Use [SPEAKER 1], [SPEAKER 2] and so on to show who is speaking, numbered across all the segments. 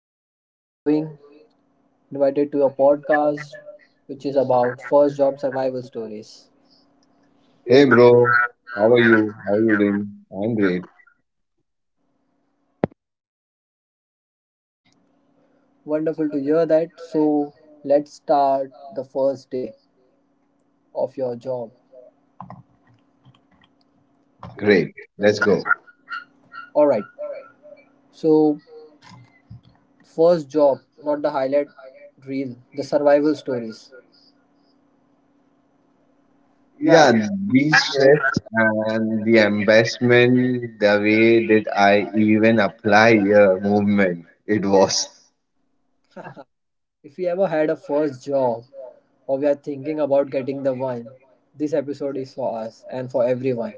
[SPEAKER 1] Kashif, how are you doing? Invited to a podcast which is about first job survival stories. Hey
[SPEAKER 2] Hey
[SPEAKER 1] bro,
[SPEAKER 2] bro,
[SPEAKER 1] how
[SPEAKER 2] how
[SPEAKER 1] are
[SPEAKER 2] are you? How are
[SPEAKER 1] you?
[SPEAKER 2] you doing? I'm great.
[SPEAKER 1] Wonderful to hear that. So let's start the first day of your job. Great.
[SPEAKER 2] Great.
[SPEAKER 1] Let's
[SPEAKER 2] Let's go.
[SPEAKER 1] Eh, Alright. So first job, not the highlight reel, the survival stories. Yeah.
[SPEAKER 2] Yeah, the
[SPEAKER 1] These
[SPEAKER 2] stress and the embarrassment, the way that I even apply a movement, it was.
[SPEAKER 1] If you ever had a first job or we are thinking about getting the one, this episode is for us and for everyone.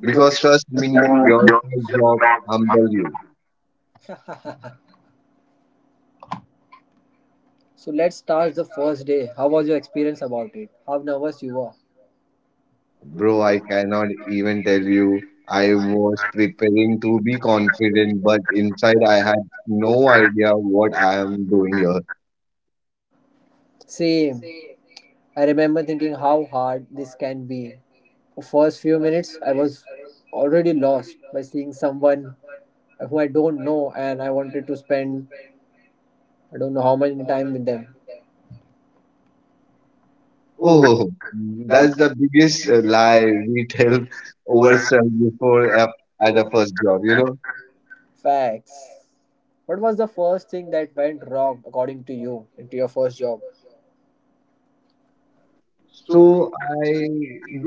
[SPEAKER 1] Because
[SPEAKER 2] Because trust me, your first job humble you.
[SPEAKER 1] so let's start the first day. How was your experience about it? How nervous you were?
[SPEAKER 2] Bro, I cannot even tell you. I was preparing to be confident, but inside I had no idea what I am doing here.
[SPEAKER 1] Same. I remember thinking how hard this can be. The first few minutes I was already lost by seeing someone who I don't know and I wanted to spend I don't know how much time with them. Oh,
[SPEAKER 2] Oh,
[SPEAKER 1] that's
[SPEAKER 2] that's the biggest lie we tell
[SPEAKER 1] over
[SPEAKER 2] ourselves before
[SPEAKER 1] at
[SPEAKER 2] at
[SPEAKER 1] a
[SPEAKER 2] the first job, you know?
[SPEAKER 1] Facts. What was the first thing that went wrong according to you into your first job? So
[SPEAKER 2] So I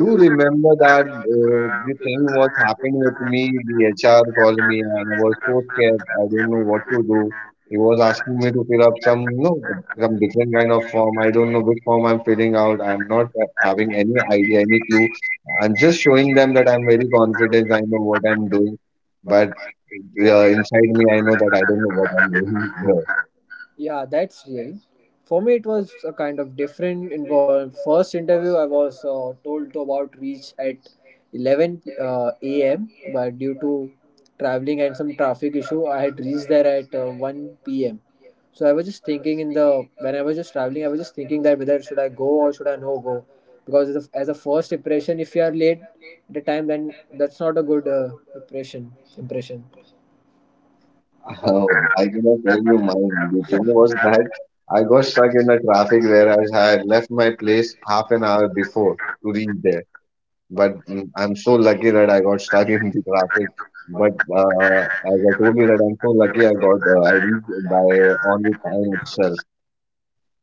[SPEAKER 2] do remember
[SPEAKER 1] uh,
[SPEAKER 2] that
[SPEAKER 1] you
[SPEAKER 2] the thing
[SPEAKER 1] can
[SPEAKER 2] was happening with me. The HR called me and I was so scared. I don't know what to do.
[SPEAKER 1] It
[SPEAKER 2] He
[SPEAKER 1] was
[SPEAKER 2] was asking me to fill up some, you know, some different kind of form. I don't know which form I'm filling out. I'm not having any idea, any clue. I'm just showing them that I'm very confident. I know what I'm doing,
[SPEAKER 1] but
[SPEAKER 2] but
[SPEAKER 1] Yeah.
[SPEAKER 2] inside me, I know that I don't know what I'm doing.
[SPEAKER 1] Yeah, that's real. For me, it was a kind of different. In the first interview, I was told to about reach at 11 a.m. But due to traveling and some traffic issue, I had reached there at 1 p.m. So I was just thinking in the when I was just traveling, I was just thinking that whether should I go or should I no go, because as a first impression, if you are late at the time, then that's not a good impression.
[SPEAKER 2] Oh, I cannot tell you mine. The thing was that I got stuck in the traffic where I had left my place half an hour before to reach there.
[SPEAKER 1] But,
[SPEAKER 2] But I'm so lucky that I got stuck in the traffic. But
[SPEAKER 1] but.
[SPEAKER 2] as I told you that I'm so lucky I got I reached by on the time itself.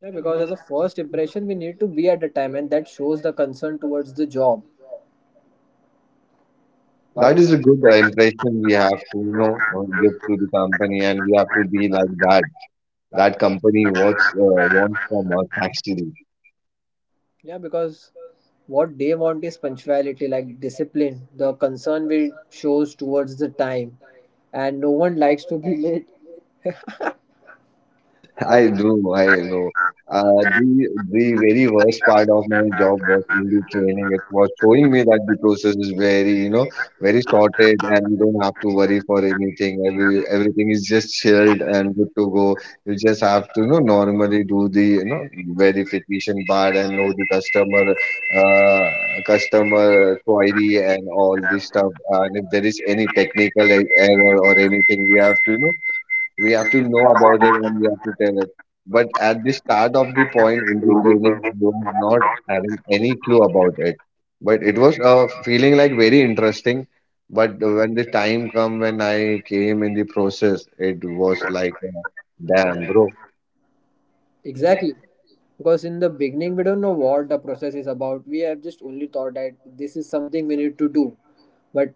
[SPEAKER 1] Yeah, because as a first impression, we need to be at a time, and that shows the concern towards the job. That
[SPEAKER 2] That
[SPEAKER 1] is
[SPEAKER 2] is a
[SPEAKER 1] good,
[SPEAKER 2] good
[SPEAKER 1] right?
[SPEAKER 2] impression we have
[SPEAKER 1] Yeah.
[SPEAKER 2] to you
[SPEAKER 1] No,
[SPEAKER 2] know
[SPEAKER 1] good,
[SPEAKER 2] give to
[SPEAKER 1] good.
[SPEAKER 2] the company, and we have to be like that.
[SPEAKER 1] That.
[SPEAKER 2] That company wants wants from us actually.
[SPEAKER 1] Yeah, because what they want is punctuality, like discipline. The concern we shows towards the time, and no one likes to be late.
[SPEAKER 2] I do, I know.
[SPEAKER 1] uh,
[SPEAKER 2] The very worst part of my job was in the training. It was showing me that the process is very, you know, very sorted, and you don't have to worry for anything. Everything is just chilled and good to go. You just have to, you know, normally do the, you know, verification part and know the customer, uh, customer query and all this stuff. And if there is any technical error or anything, we have to, you know, we have to know about it and we have to tell it. But at the start of the point in the training, you are not having any clue about it. But it was feeling like very interesting. But when the time come when I came in the process, it was like, damn, bro.
[SPEAKER 1] Exactly. Because in the beginning, we don't know what the process is about. We have just only thought that this is something we need to do. But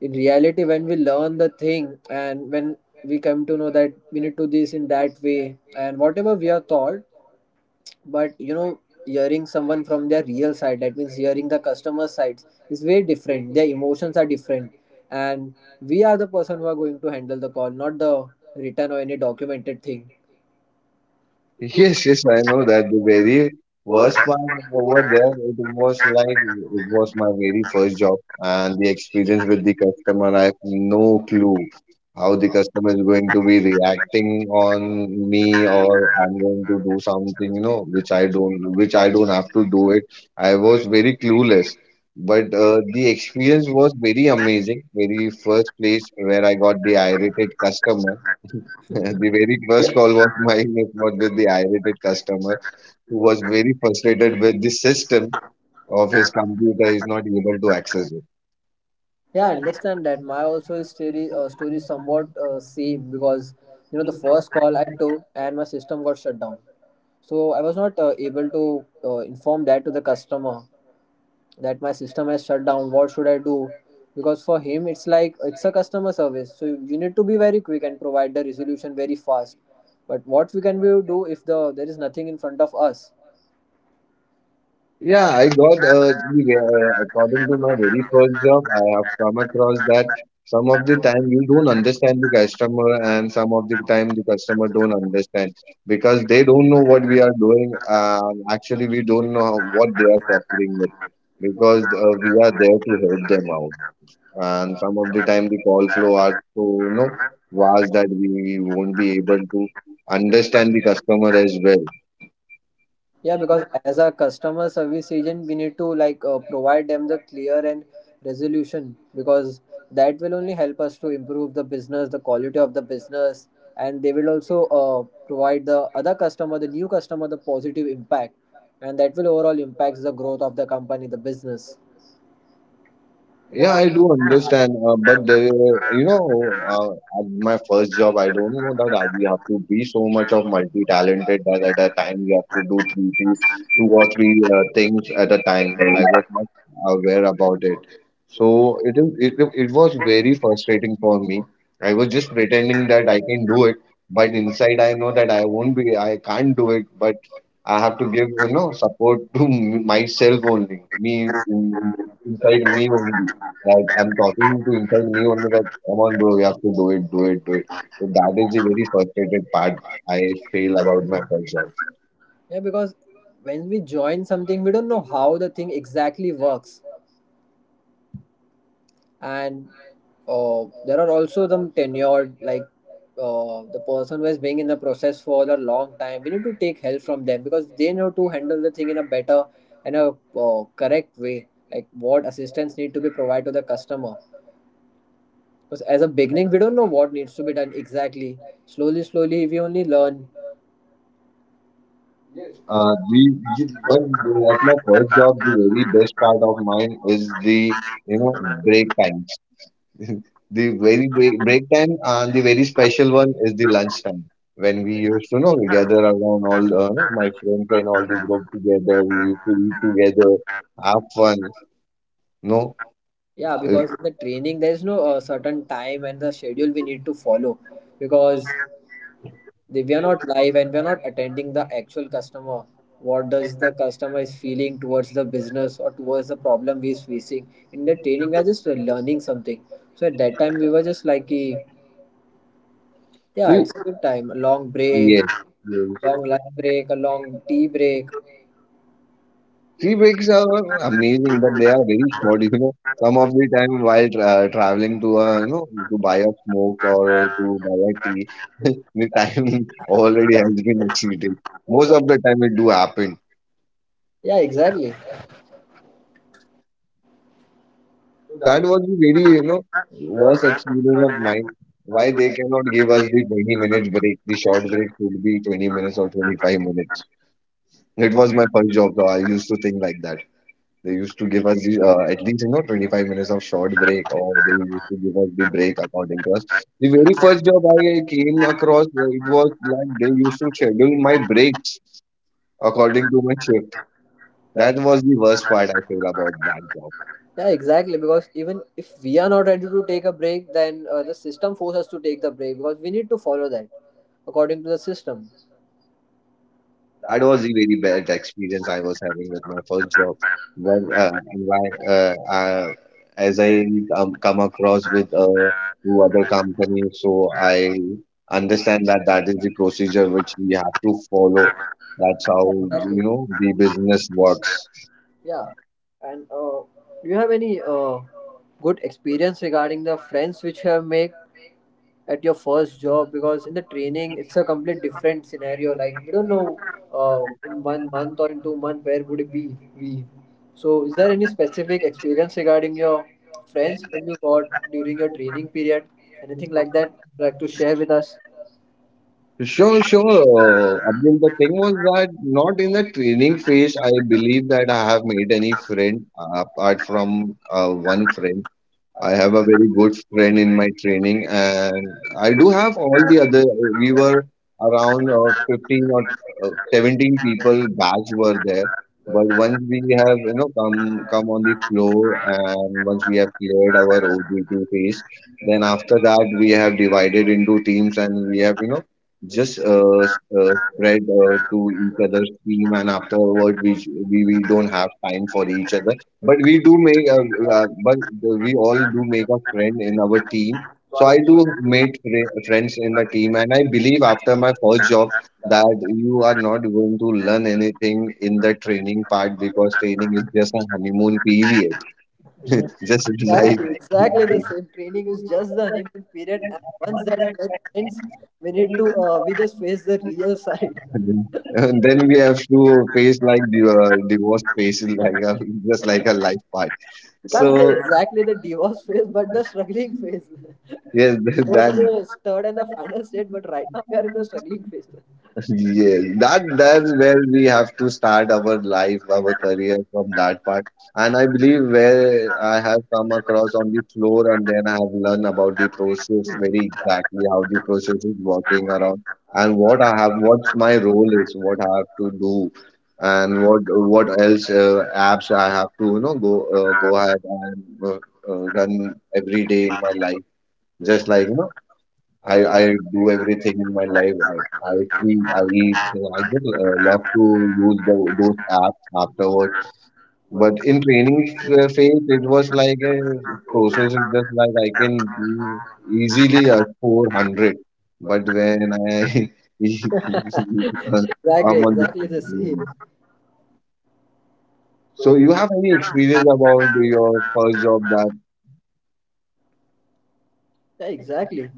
[SPEAKER 1] in reality, when we learn the thing and when we come to know that we need to do this in that way and whatever we are taught, but you know hearing someone from their real side, that means hearing the customer sides is very different, their emotions are different, and we are the person who are going to handle the call, not the written or any documented thing.
[SPEAKER 2] Yes, yes, I know that the very worst part over there, it was like it was my very first job and the experience with the customer, I have no clue how the customer is going to be reacting on me or I'm going to do something, you know, which I don't have to do it. I was very clueless, but the experience was very amazing. Very first place where I got the irritated customer. The very first call was mine, it was with the irritated customer who was very frustrated with the system of his computer. He's not able to access it.
[SPEAKER 1] Yeah, I understand that. My also story story is somewhat same because you know the first call I took and my system got shut down. So I was not able to inform that to the customer that my system has shut down. What should I do? Because for him it's like it's a customer service, so you need to be very quick and provide the resolution very fast. But what we can we do if there is nothing in front of us?
[SPEAKER 2] Yeah, I got
[SPEAKER 1] Thank
[SPEAKER 2] according to my very first job, I have come across that some of the time you don't understand the customer and some of the time the customer don't understand because they don't know what we are doing. Actually, we don't know what they are suffering with because we are there to help them out, and some of the time the call flow are so you know vast that we won't be able to
[SPEAKER 1] you.
[SPEAKER 2] understand the customer as well.
[SPEAKER 1] Yeah, because as a customer service agent, we need to like provide them the clear and resolution, because that will only help us to improve the business, the quality of the business, and they will also provide the other customer, the new customer, the positive impact, and that will overall impacts the growth of the company, the business.
[SPEAKER 2] Yeah,
[SPEAKER 1] Yeah.
[SPEAKER 2] I do understand, but there, you know, at my first job, I don't know that we have to be so much of multi-talented that at a time we have to do two or three things at a time. I was not aware about it, so it is it, it was very frustrating for me. I was just pretending that I can do it, but inside I know that I won't be, I can't do it, but I have to give, you know, support to myself only, me inside me only. Like I'm talking to inside me only like come on bro, you have to do it, do it, do it. So that is the very frustrated part I feel about my first job.
[SPEAKER 1] Yeah, because when we join something, we don't know how the thing exactly works, and there are also some tenured, like the person who has been in the process for a long time. We need to take help from them because they know to handle the thing in a better and a correct way. Like what assistance need to be provided to the customer. Because as a beginning, we don't know what needs to be done exactly. Slowly, slowly, we only learn.
[SPEAKER 2] Yes. The but at my first job, the very best part of mine is the you know break times. The break time and the very special one is the lunch time when we used to you know gather around all my friends and all the group together. We used to eat together, have fun. No,
[SPEAKER 1] Yeah, because in the training there is no certain time and the schedule we need to follow, because they, we are not live and we are not attending the actual customer, what does the customer is feeling towards the business or towards the problem we is facing. In the training we are just learning something, so at that time we were just like "Ki, yeah,
[SPEAKER 2] you.
[SPEAKER 1] it's a good time. A long break,
[SPEAKER 2] Yes, yes.
[SPEAKER 1] long lunch break, a long tea break.
[SPEAKER 2] Tea breaks are amazing, but they are very short. You know, some of the time while traveling to a, you know, to buy a smoke or to buy a tea, the time already has been exceeded. Most of the time it do happen.
[SPEAKER 1] Yeah, exactly.
[SPEAKER 2] So that was the very, you know, worst experience of mine. Why they cannot give us the 20-minute break? The short break should be 20 minutes or 25 minutes. It was my first job, so I used to think like that. They used to give us the at least you know 25 minutes of short break, or they used to give us the break according to us. The very first job I came across, it was like they used to schedule my breaks according to my shift. That was the worst part I feel about that job.
[SPEAKER 1] Yeah, exactly. Because even if we are not ready to take a break, then the system forces us to take the break because we need to follow that according to the system.
[SPEAKER 2] That was the very bad
[SPEAKER 1] Yeah,
[SPEAKER 2] experience I was having with my first job. One, uh, and why, uh, uh, as I come across with two other companies, so I understand that that is the procedure which we have to follow. That's how
[SPEAKER 1] exactly.
[SPEAKER 2] you know the business works.
[SPEAKER 1] Yeah, and do you have any good experience regarding the friends which you have made at your first job? Because in the training, it's a complete different scenario. Like we don't know in one month or in two months where would it be we. So, is there any specific experience regarding your friends whom you got during your training period? Anything like that, you'd like to share with us?
[SPEAKER 2] Sure, sure. Abdul, the thing was that not in the training phase, I believe that I have made any friend apart from one friend. I have a very good friend in my training, and I do have all
[SPEAKER 1] Try
[SPEAKER 2] the other. We were around
[SPEAKER 1] to
[SPEAKER 2] 15 or 17 people batch were there, but once we have you know come on the floor and once we have cleared our OGT phase, then after that we have divided into teams and we have you know just spread to each other's team, and afterward we don't have time for each other, but we do make, but we all do make a friend in our team. So I do make friends in the team, and I believe after my first job that you are not going to learn anything in the training part because training is
[SPEAKER 1] that
[SPEAKER 2] just a honeymoon period, just like.
[SPEAKER 1] Exactly, exactly the same. Training is just the honeymoon period, and once that get ends, we need to we just face the real side.
[SPEAKER 2] And then we have to face like the divorce phase, like just like a life part.
[SPEAKER 1] You
[SPEAKER 2] So
[SPEAKER 1] can't say exactly the divorce phase, but the struggling phase.
[SPEAKER 2] yes,
[SPEAKER 1] Divorce
[SPEAKER 2] that.
[SPEAKER 1] is the third and the final state, but right now we are in the struggling phase.
[SPEAKER 2] Yes, that's where we have to start our life, our career from that part. And I believe where I have come across on the floor and then I have learned about the process very exactly how the process is working around and what I have, what's my role is, what I have to do, and what else apps I have to you know go ahead and run every day in my life. Just like you know, I do everything in my life. I sleep. I eat. So I just love to use the, those apps afterward. But
[SPEAKER 1] Hmm.
[SPEAKER 2] in training phase, it was like a process. It's just like I can do easily a 400. But when I
[SPEAKER 1] Exactly,
[SPEAKER 2] I'm on the,
[SPEAKER 1] exactly the same.
[SPEAKER 2] yeah. So you have any experience about your first job that,
[SPEAKER 1] Yeah, exactly.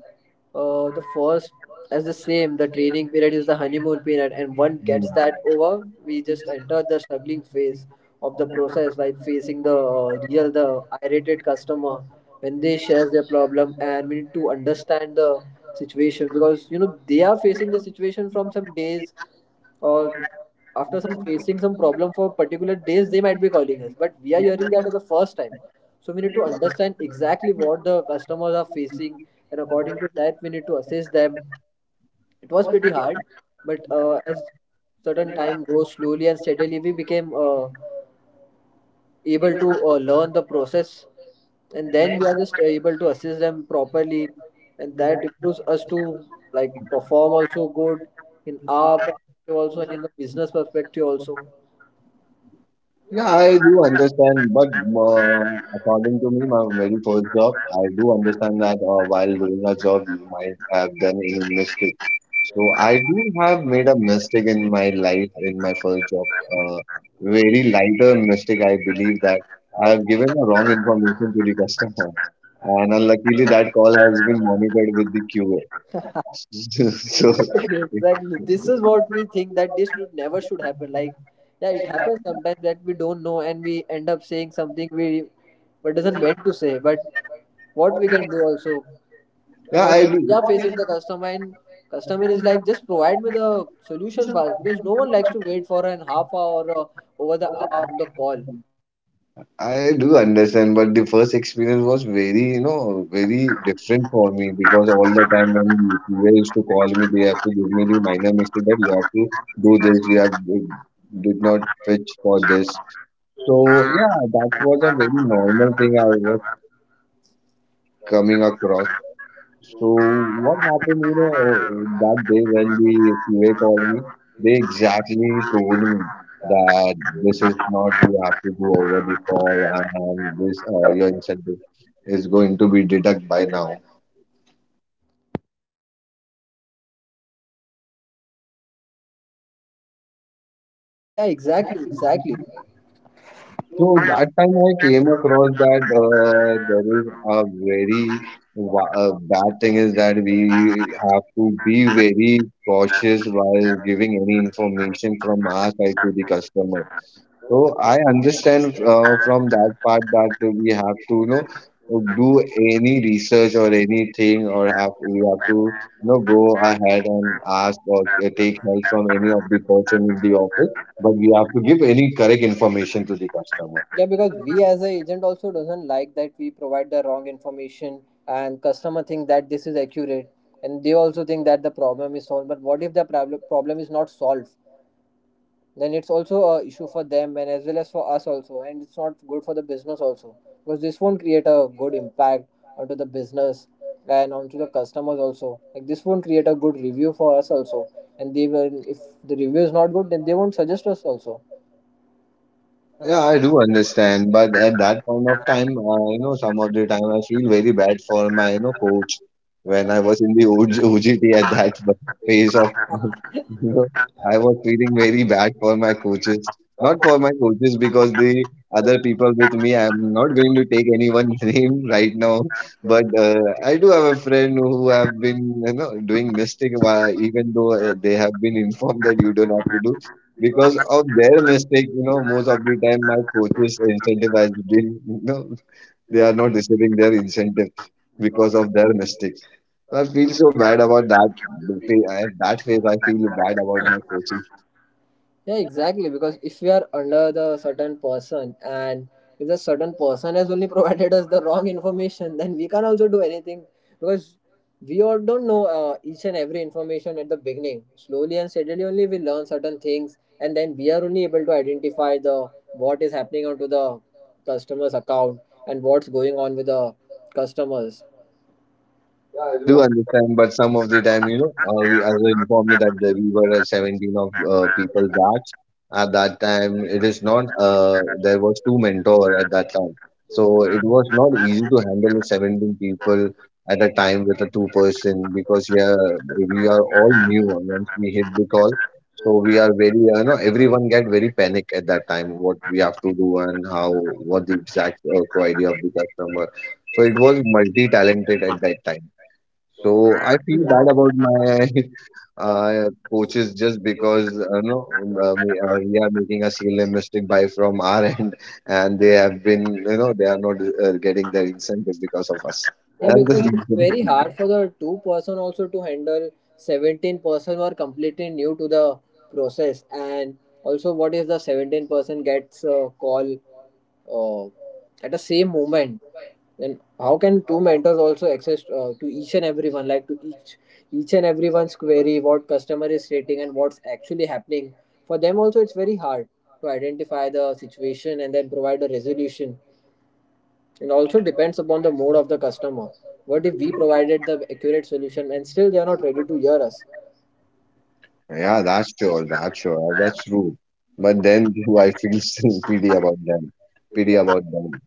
[SPEAKER 1] The first, as the same, the training period is the honeymoon period, and one
[SPEAKER 2] hmm.
[SPEAKER 1] gets that over, we just enter the struggling phase of the process, like facing the real, the irritated customer when they share their problem, and we need to understand the situation because you know they are facing the situation from some days, or after some facing some problem for particular days they might be calling us, but we are hearing that for the first time. So we need to understand exactly what the customers are facing, and according to that we need to assess them. It was pretty hard, but as certain time goes, slowly and steadily we became able to learn the process, and then we are just able to assist them properly, and that improves us to like perform also good in our perspective also and in the business perspective also.
[SPEAKER 2] Yeah, I do understand, but according to me, my very first job, I do understand that while doing a job, you might have done any mistake. So I do have made a mistake in my life in my first job. Uh, very lighter mistake, I believe that I have given the wrong information to the customer, and unluckily that call has been monitored with the QA.
[SPEAKER 1] Exactly, exactly. This is what we think that this should never should happen. Like, yeah, it happens sometimes that we don't know and we end up saying something we but doesn't meant to say. But what we can do also,
[SPEAKER 2] So yeah,
[SPEAKER 1] because we are facing the customer and customer is like just provide me the solution fast, because no one likes to wait for an half hour or over the hour on the call.
[SPEAKER 2] I do understand, but the first experience was very, you know, very different for me because all the time when they used to call me, they have to give me the minor mistake that you have to do this, you did not fetch for this. So yeah, that was a very normal thing I was coming across. So what happened, you know, that day when the QA called me, they exactly told me that this is not you have to do over the call and this your incentive is going to be deduct by now.
[SPEAKER 3] Yeah, exactly, exactly.
[SPEAKER 2] So that time I came across that there is a very bad thing is that we have to be very cautious while
[SPEAKER 3] Yeah,
[SPEAKER 2] giving any information from our side to the customer. So I understand from that part that we have to, you know, do any research or anything, or have we have to, you know, go ahead and ask or take help from any of the person in the office. But we have to give any correct information to the customer.
[SPEAKER 3] because we as a agent also doesn't like that we provide the wrong information, and customer think that this is accurate, and they also think that the problem is solved. But what if the problem is not solved? Then it's also a issue for them and as well as for us also, and it's not good for the business also, because this won't create a good impact onto the business and onto the customers also, like this won't create a good review for us also. And they will, if the review is not good, then they won't suggest us also.
[SPEAKER 2] Yeah, I do understand, but at that point of time, you know, some of the time I feel very bad for my, you know, coach when I was in the OG, at that phase of, you know, I was feeling very bad for my coaches. Not for my coaches because the other people with me, I'm not going to take anyone's name right now, but I do have a friend who have been, you know, doing mistake, even though they have been informed that you don't have to do because of their mistake, you know, most of the time my coaches are incentivized. They, you know, they are not receiving their incentive because of their mistakes. So I feel so bad about that. That phase, I feel bad about my coaches.
[SPEAKER 3] Yeah, exactly. Because if we are under the certain person, and if the certain person has only provided us the wrong information, then we can also do anything. Because we all don't know each and every information at the beginning. Slowly and steadily only we learn certain things, and then we are only able to identify the what is happening onto the customer's account and what's going on with the customers.
[SPEAKER 2] Yeah, I do understand, but some of the time, you know, we, as I informed you that the, we were at 17 of people
[SPEAKER 3] So.
[SPEAKER 2] batch. At that time, it is not. There was two mentor at that time, so it was not easy to handle 17 people at a time with a two-person because yeah, we are all new once we hit the call. So we are very, you know, everyone get very panic at that time. What we have to do and how, what the exact query of the customer. So it was multi-talented at that time. So I feel bad about my coaches just because no, we are making a serial mistake by from our end, and they have been, you know, they are not getting their incentive because of us.
[SPEAKER 3] Yeah,
[SPEAKER 2] That's the
[SPEAKER 3] because it's
[SPEAKER 2] reason.
[SPEAKER 3] very hard for the two-person also to handle 17-person who are completely new to the process. And also what if the 17-person gets a call uh, at the same moment? Then how can two mentors also access to each and everyone, like to each and everyone's query, what customer is stating and what's actually happening. For them also it's very hard to identify the situation and then provide a resolution. It also depends upon the mood of the customer. What if we provided the accurate solution and still they are not ready to hear us?
[SPEAKER 2] Yeah, that's sure, that's sure, that's true. But then too, I feel still pity about them, pity about them.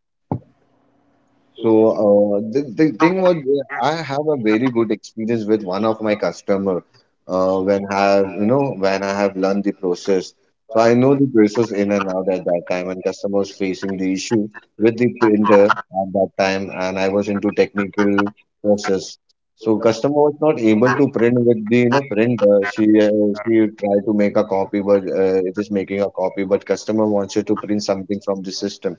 [SPEAKER 2] So the thing was, I have a very good experience with one of my customer when I have, you know, when I have learned the process. So I know the process in and out at that time, and customer was facing the issue with the printer at that time, and I was into technical process. So customer was not able to print with the, you know, printer. She tried to make a copy, but it is making a copy, but customer wants you to print something from the system.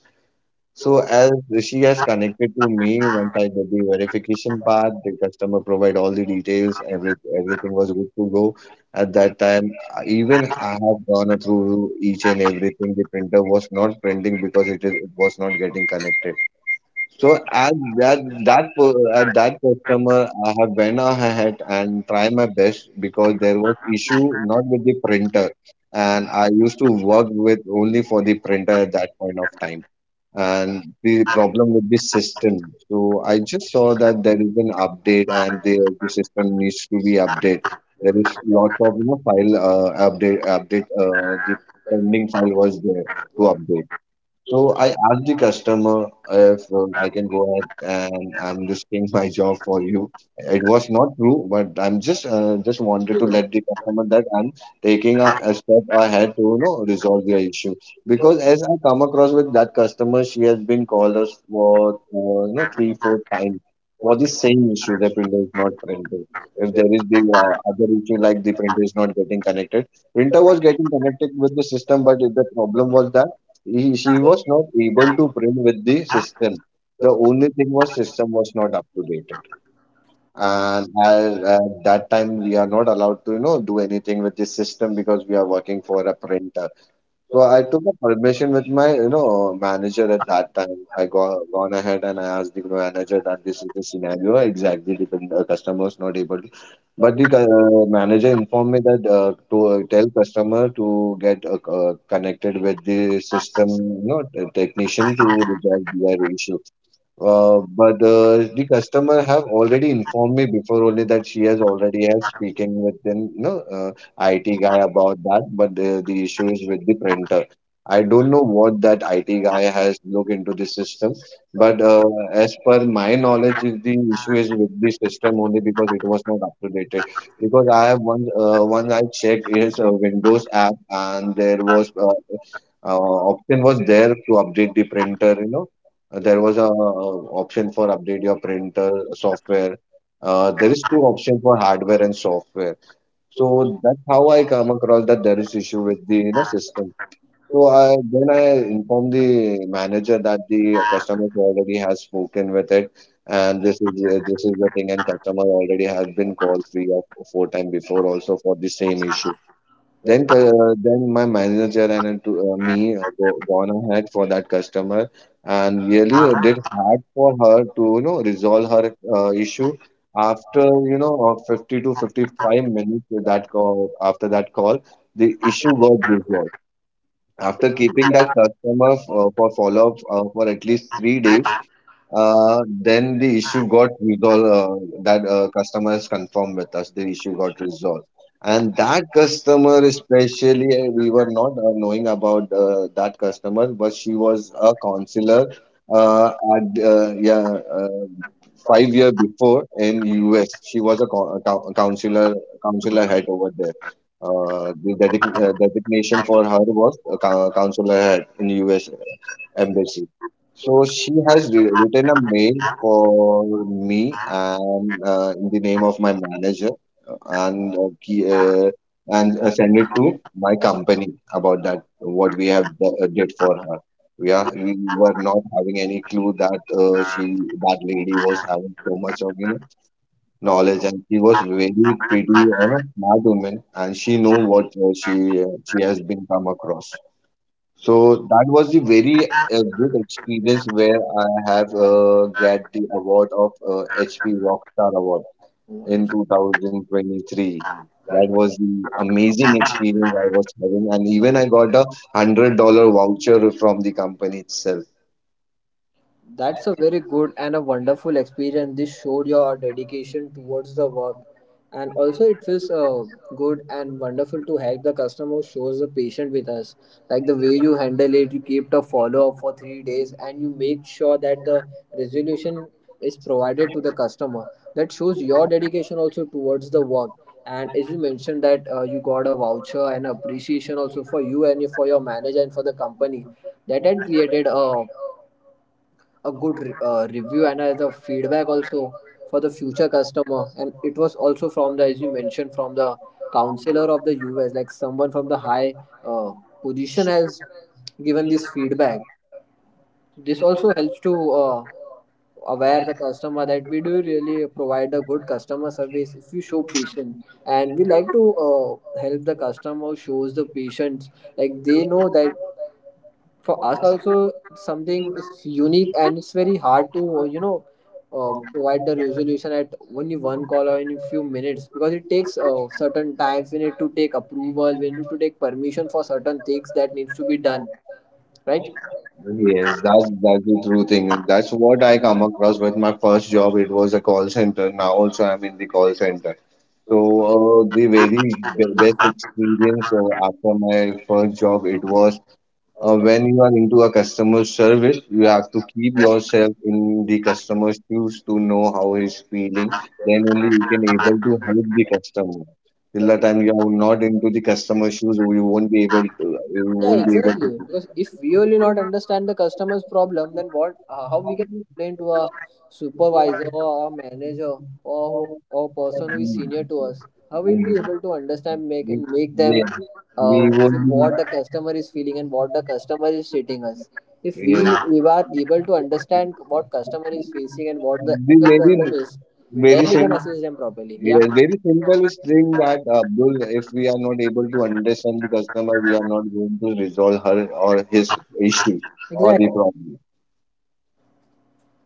[SPEAKER 2] So as Rishi has connected to me, once I did the verification part, the customer provide all the details, everything was good to go. At that time, even I have gone through each and everything. The printer was not printing because it was not getting connected. So at that customer, I have went ahead and try my best because there was issue not with the printer, and I used to work with only for the printer at that point of time and the problem with this system. So I just saw that there is an update and the system needs to be updated. There is lots of, you know, file update update the pending file was there to update. So I asked the customer if I can go ahead and I'm risking my job for you. It was not true, but I'm just wanted to let the customer that I'm taking a step ahead to, you know, resolve their issue. Because as I come across with that customer, she has been called us for you know 3 or 4 times for the same issue. The printer is not printing. If there is the other issue like the printer is not getting connected, printer was getting connected with the system, but the problem was that she was not able to print with the system. The only thing was system was not up to date. And at that time, we are not allowed to, you know, do anything with the system because we are working for a printer. So I took a permission with my, you know, manager at that time. I go gone ahead and I asked the manager that this is the scenario exactly. Customer is not able to, but the manager informed me that to tell customer to get connected with the system, you know, technician to resolve their issue. But the customer have already informed me before only that she has already has speaking with the, you know, IT guy about that. But the issue is with the printer. I don't know what that IT guy has looked into the system. But as per my knowledge, is the issue is with the system only because it was not up to date. Because I have one I checked is a Windows app and there was option was there to update the printer, you know, there was a option for update your printer software. There is two option for hardware and software. So that's how I come across that there is issue with the, you know, system. So I then I informed the manager that the customer already has spoken with it, and this is the thing, and customer already has been called three or four time before also for the same issue. Then, then my manager and gone ahead for that customer and really did hard for her to, you know, resolve her issue after, you know, of 50 to 55 minutes of that call. After that call the issue got resolved after keeping that customer for follow up for at least 3 days.
[SPEAKER 3] uh,
[SPEAKER 2] Uh, then the issue got resolved. That customer has confirmed with us the issue got resolved,
[SPEAKER 3] and
[SPEAKER 2] and that customer especially we were not knowing about that customer, but she was a counselor
[SPEAKER 3] uh,
[SPEAKER 2] at yeah
[SPEAKER 3] five
[SPEAKER 2] 5 year before in US. She was a, co- a cou- counselor counselor head over there. The designation for her was a counselor head in US
[SPEAKER 3] a.
[SPEAKER 2] embassy. So
[SPEAKER 3] So
[SPEAKER 2] she has
[SPEAKER 3] four
[SPEAKER 2] written a
[SPEAKER 3] times
[SPEAKER 2] mail
[SPEAKER 3] for
[SPEAKER 2] for me
[SPEAKER 3] uh,
[SPEAKER 2] and in the name of my manager
[SPEAKER 3] uh,
[SPEAKER 2] uh, and ki-
[SPEAKER 3] and
[SPEAKER 2] and send it to my company about that
[SPEAKER 3] uh,
[SPEAKER 2] what we have did for her. We were
[SPEAKER 3] one
[SPEAKER 2] not having any clue that she, that lady was
[SPEAKER 3] uh,
[SPEAKER 2] having so much of, you know,
[SPEAKER 3] dollar
[SPEAKER 2] knowledge and she
[SPEAKER 3] was
[SPEAKER 2] was
[SPEAKER 3] yes.
[SPEAKER 2] very pretty, you know, smart woman and she know what she has been come across. So
[SPEAKER 3] So
[SPEAKER 2] that was the very
[SPEAKER 3] the
[SPEAKER 2] good experience
[SPEAKER 3] experience there
[SPEAKER 2] where I have
[SPEAKER 3] that
[SPEAKER 2] get the award of HP Rockstar Award in 2023.
[SPEAKER 3] that
[SPEAKER 2] That
[SPEAKER 3] one.
[SPEAKER 2] was the amazing experience I was having, and even I got 100 dollar voucher from the company itself.
[SPEAKER 3] That's a very good and a wonderful experience. This showed your dedication towards the work, and also it feels good and wonderful to help the customer who shows the patient with us. Like the way you handle it, you keep a follow up for 3 days, and you make sure that the resolution is provided to the customer. That shows your dedication also towards the work. And as you mentioned that you got a voucher and appreciation also for you and for your manager and for the company, that had created a good review and the feedback also for the future customer. And it was also, from the, as you mentioned, from the counselor of the US, like someone from the high uh, position has given this feedback. This also helps to aware the customer that we do really provide a good customer service if you show patience, and we like to help the customer shows the patience. Like they know that for us also something is unique, and it's very hard to provide the resolution at only one call or in a few minutes, because it takes certain times. We need to take approval, we need to take permission for certain things that needs to be done.
[SPEAKER 2] Yes, that's the true thing. That's what I come across with my first job. It was a call center. Now also I'm in the call center. So best experience after my first job it was
[SPEAKER 3] Right.
[SPEAKER 2] when you are into a customer service, you have to keep yourself in the customer's shoes to know how he's feeling. Then only you can able to help the customer. Till the time you are not into the customer shoes, you won't be able to. You
[SPEAKER 3] Yeah,
[SPEAKER 2] won't be
[SPEAKER 3] exactly. Because if we only not understand the customer's problem, then what? How we can explain to a supervisor or a manager, or who, or
[SPEAKER 2] able
[SPEAKER 3] person who is senior to
[SPEAKER 2] to.
[SPEAKER 3] us? How we'll be able to understand, make
[SPEAKER 2] We-
[SPEAKER 3] and make them
[SPEAKER 2] Yes,
[SPEAKER 3] uh,
[SPEAKER 2] we will.
[SPEAKER 3] feel what the customer is feeling and what the customer is treating us. If we,
[SPEAKER 2] Yes.
[SPEAKER 3] we are able to understand what customer is facing and what the
[SPEAKER 2] The
[SPEAKER 3] actual
[SPEAKER 2] very
[SPEAKER 3] problem is, then
[SPEAKER 2] very
[SPEAKER 3] we can
[SPEAKER 2] simple
[SPEAKER 3] assist them properly. Yeah,
[SPEAKER 2] Yes, very simple is thing that, Abdul, if we are not able to understand the customer, we are not going to resolve her or his issue or
[SPEAKER 3] exactly.
[SPEAKER 2] the problem.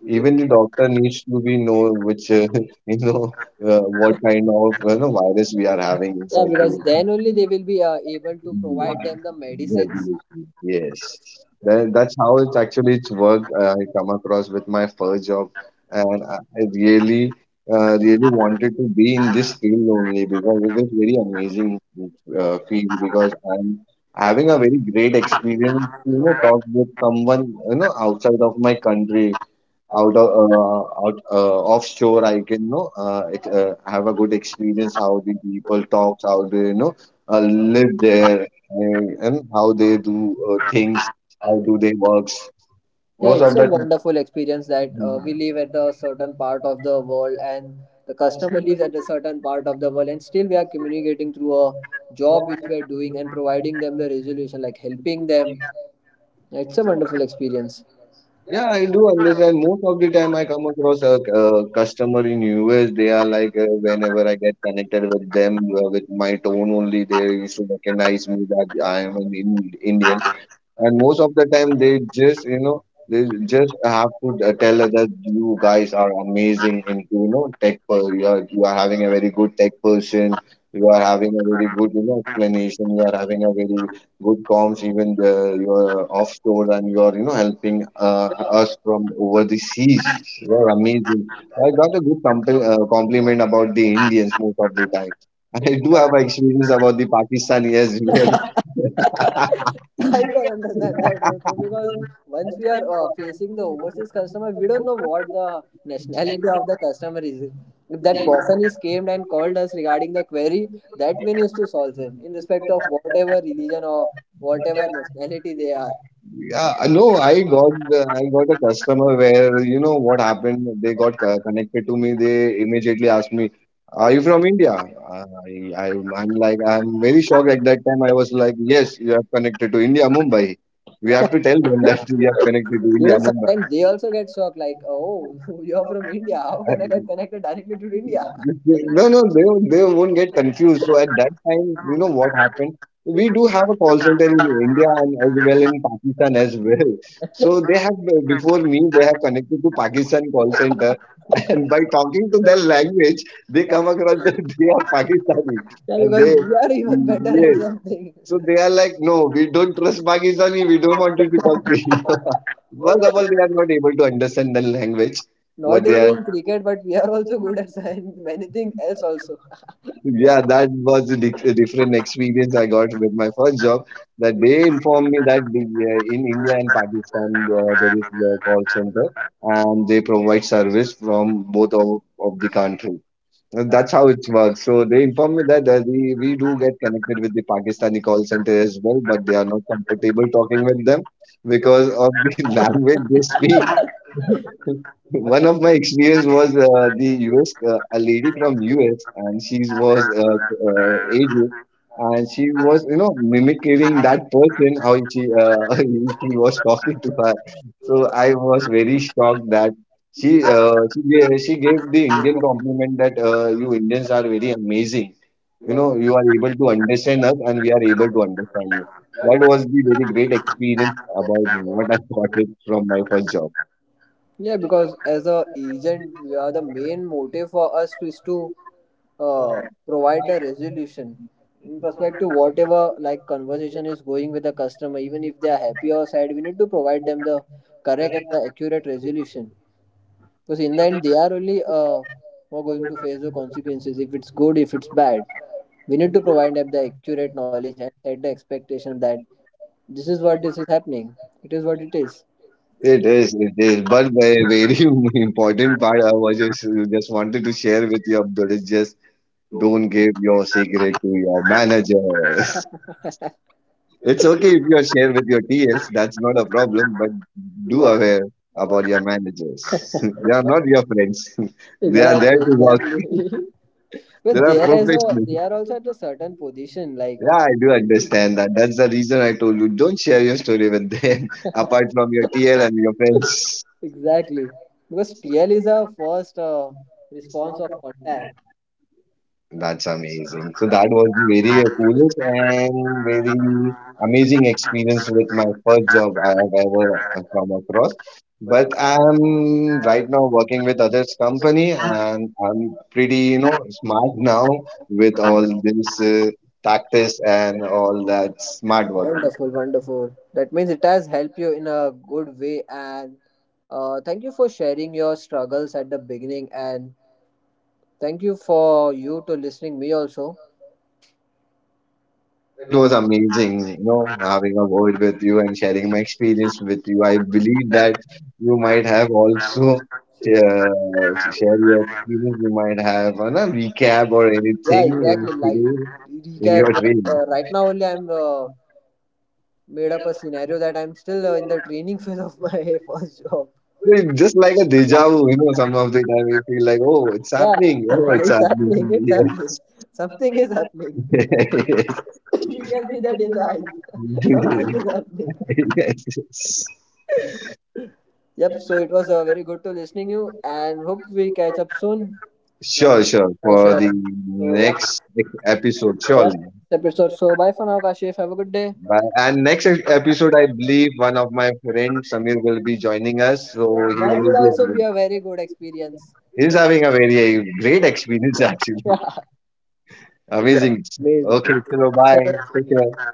[SPEAKER 2] Even the doctor needs to be know which you know what kind of, you know, virus we are having
[SPEAKER 3] Yeah,
[SPEAKER 2] inside
[SPEAKER 3] because
[SPEAKER 2] to.
[SPEAKER 3] then only they will be able to
[SPEAKER 2] Mm,
[SPEAKER 3] provide them the medicines.
[SPEAKER 2] resolution. Yes, that's how it's actually it's work. I come across with my first job, and I really, really wanted to be in this field only because it is very amazing field. Because I'm having a very great experience to talk with someone outside of my country out of out offshore. I can have a good experience, how the people talk, how they live there, and how they do things, how do they works
[SPEAKER 3] Yeah,
[SPEAKER 2] most
[SPEAKER 3] it's
[SPEAKER 2] of
[SPEAKER 3] a
[SPEAKER 2] the
[SPEAKER 3] wonderful experience that we
[SPEAKER 2] time.
[SPEAKER 3] live at a certain part of the world, and the customer lives at a certain part of the world, and still we are communicating through a job which we are doing and providing them the resolution, like helping them. Yeah, it's a wonderful experience.
[SPEAKER 2] Yeah, I do understand. Most of the time I come across a customer in US. They are like, whenever I get connected with them with my tone only, they used to recognize me that I am an Indian. And most of the time they just they just have to tell us that you guys are amazing into tech, you are having a very good tech person. You are having a very good explanation. You are having a very good comms. Even you are offshore and you are helping us from over the seas. You are amazing. So I got a good compliment about the Indians most of
[SPEAKER 3] I
[SPEAKER 2] the time. I do have experience about the Pakistani as well.
[SPEAKER 3] can understand that also, because once we are facing the overseas customer, we don't know what the nationality of the customer is. If that person is scammed and called us regarding the query, that we need to solve them in respect of whatever religion or whatever nationality they are.
[SPEAKER 2] Yeah, no, I got I got a customer where you know what happened. They got connected to me. They immediately asked me, "Are you from India?" I, I I'm like, I'm very shocked at that time. I was like, "Yes, you have connected to India, Mumbai." We have to tell them that we have connected to India,
[SPEAKER 3] Even
[SPEAKER 2] Mumbai.
[SPEAKER 3] sometimes they also get shocked, like, oh, you are from India. How can I get connected directly to India?
[SPEAKER 2] No, no, they won't get confused. So at that time, you know what happened? We do have a call center in India and as well in Pakistan as well.
[SPEAKER 3] Yeah,
[SPEAKER 2] So they have, before me, they have connected to Pakistan call center and by talking to their language, they come across that they are Pakistani and
[SPEAKER 3] because
[SPEAKER 2] they,
[SPEAKER 3] we are even better at
[SPEAKER 2] yes.
[SPEAKER 3] something.
[SPEAKER 2] So they are like, "No, we don't trust Pakistani. We don't want you to talk to you." First of all, they are not able to understand the language,
[SPEAKER 3] Not
[SPEAKER 2] what they are.
[SPEAKER 3] even cricket, but we are also good at science, many things else also.
[SPEAKER 2] Yeah, that was a different experience I got with my first job. That they informed me that in India and Pakistan there is a call center and they provide service from both of the country. And that's how it works. So they informed me that we do get connected with the Pakistani call center as well, but they are not comfortable talking with them because of the language they speak. One of my experience was the US, a lady from US, and she
[SPEAKER 3] Thank
[SPEAKER 2] was aged, and she was mimicking that person how she she was talking to her. So I was very shocked that she gave the Indian compliment that you Indians are very amazing. You know, you are able to understand us, and we are able to understand you. That was the very great experience about what I got it from my first
[SPEAKER 3] you.
[SPEAKER 2] job.
[SPEAKER 3] Yeah, because as a agent, we are the main motive for us is to uh, provide the resolution in respect to whatever, like conversation is going with the customer. Even if they are happy or sad, we need to provide them the correct and the accurate resolution. Because in the end, they are only who are going to face the consequences. If it's good, if it's bad, we need to provide them the accurate knowledge and set the expectation that this is what, this is happening. It is what it is.
[SPEAKER 2] It is, it is. But a very important part I was just wanted to share with you, Abdul, is just don't give your secret to your manager. It's okay if you share with your TLs, that's not a problem, but do aware about your managers. They are not your friends. They are
[SPEAKER 3] Exactly,
[SPEAKER 2] there to work.
[SPEAKER 3] exactly.
[SPEAKER 2] They
[SPEAKER 3] But
[SPEAKER 2] are
[SPEAKER 3] they are also they
[SPEAKER 2] professionals.
[SPEAKER 3] are also at a certain position, like
[SPEAKER 2] Yeah, I do understand that. That's the reason I told you don't share your story with them apart from your TL and your friends.
[SPEAKER 3] exactly. Because TL is our first response of contact.
[SPEAKER 2] That's amazing. So that was the very coolest and very amazing experience with my first job I have ever come across. But I'm right now working with others company and I'm pretty, smart now with all this tactics and all that smart work.
[SPEAKER 3] Wonderful, wonderful. That means it has helped you in a good way. And thank you for sharing your struggles at the beginning. And thank you for you to listening me also.
[SPEAKER 2] It was amazing, having a word with you and sharing my experience with you. I believe that you might have also share your experience. You might have a recap or
[SPEAKER 3] Yeah,
[SPEAKER 2] anything in
[SPEAKER 3] exactly. Like
[SPEAKER 2] today in
[SPEAKER 3] recap.
[SPEAKER 2] your
[SPEAKER 3] Like
[SPEAKER 2] dream.
[SPEAKER 3] right now only I'm made up a scenario that I'm still in the training phase of my first job.
[SPEAKER 2] It's just like a deja vu, some of the time we feel like, oh, it's
[SPEAKER 3] Yeah,
[SPEAKER 2] happening, oh, it's
[SPEAKER 3] it's
[SPEAKER 2] happening.
[SPEAKER 3] happening. It's happening. Something is happening.
[SPEAKER 2] Yes.
[SPEAKER 3] We can see that in the eyes. Something is happening.
[SPEAKER 2] Yes. Yes.
[SPEAKER 3] Yep. So it was very good to listening you, and hope we catch up soon.
[SPEAKER 2] Sure,
[SPEAKER 3] Sure.
[SPEAKER 2] sure. For
[SPEAKER 3] Sure.
[SPEAKER 2] the
[SPEAKER 3] So yep,
[SPEAKER 2] next episode,
[SPEAKER 3] yep.
[SPEAKER 2] surely.
[SPEAKER 3] Episode. So bye for now, Kashif. Have a good day.
[SPEAKER 2] Bye. And next episode, I believe one of my friends, Samir, will be joining us.
[SPEAKER 3] Yeah,
[SPEAKER 2] So he
[SPEAKER 3] that
[SPEAKER 2] will be.
[SPEAKER 3] would also be
[SPEAKER 2] having-
[SPEAKER 3] a very good experience.
[SPEAKER 2] He's
[SPEAKER 3] Yeah.
[SPEAKER 2] having a very great experience, actually.
[SPEAKER 3] Amazing.
[SPEAKER 2] Amazing.
[SPEAKER 3] Amazing.
[SPEAKER 2] Okay, so
[SPEAKER 3] Okay. So,
[SPEAKER 2] bye. Take care.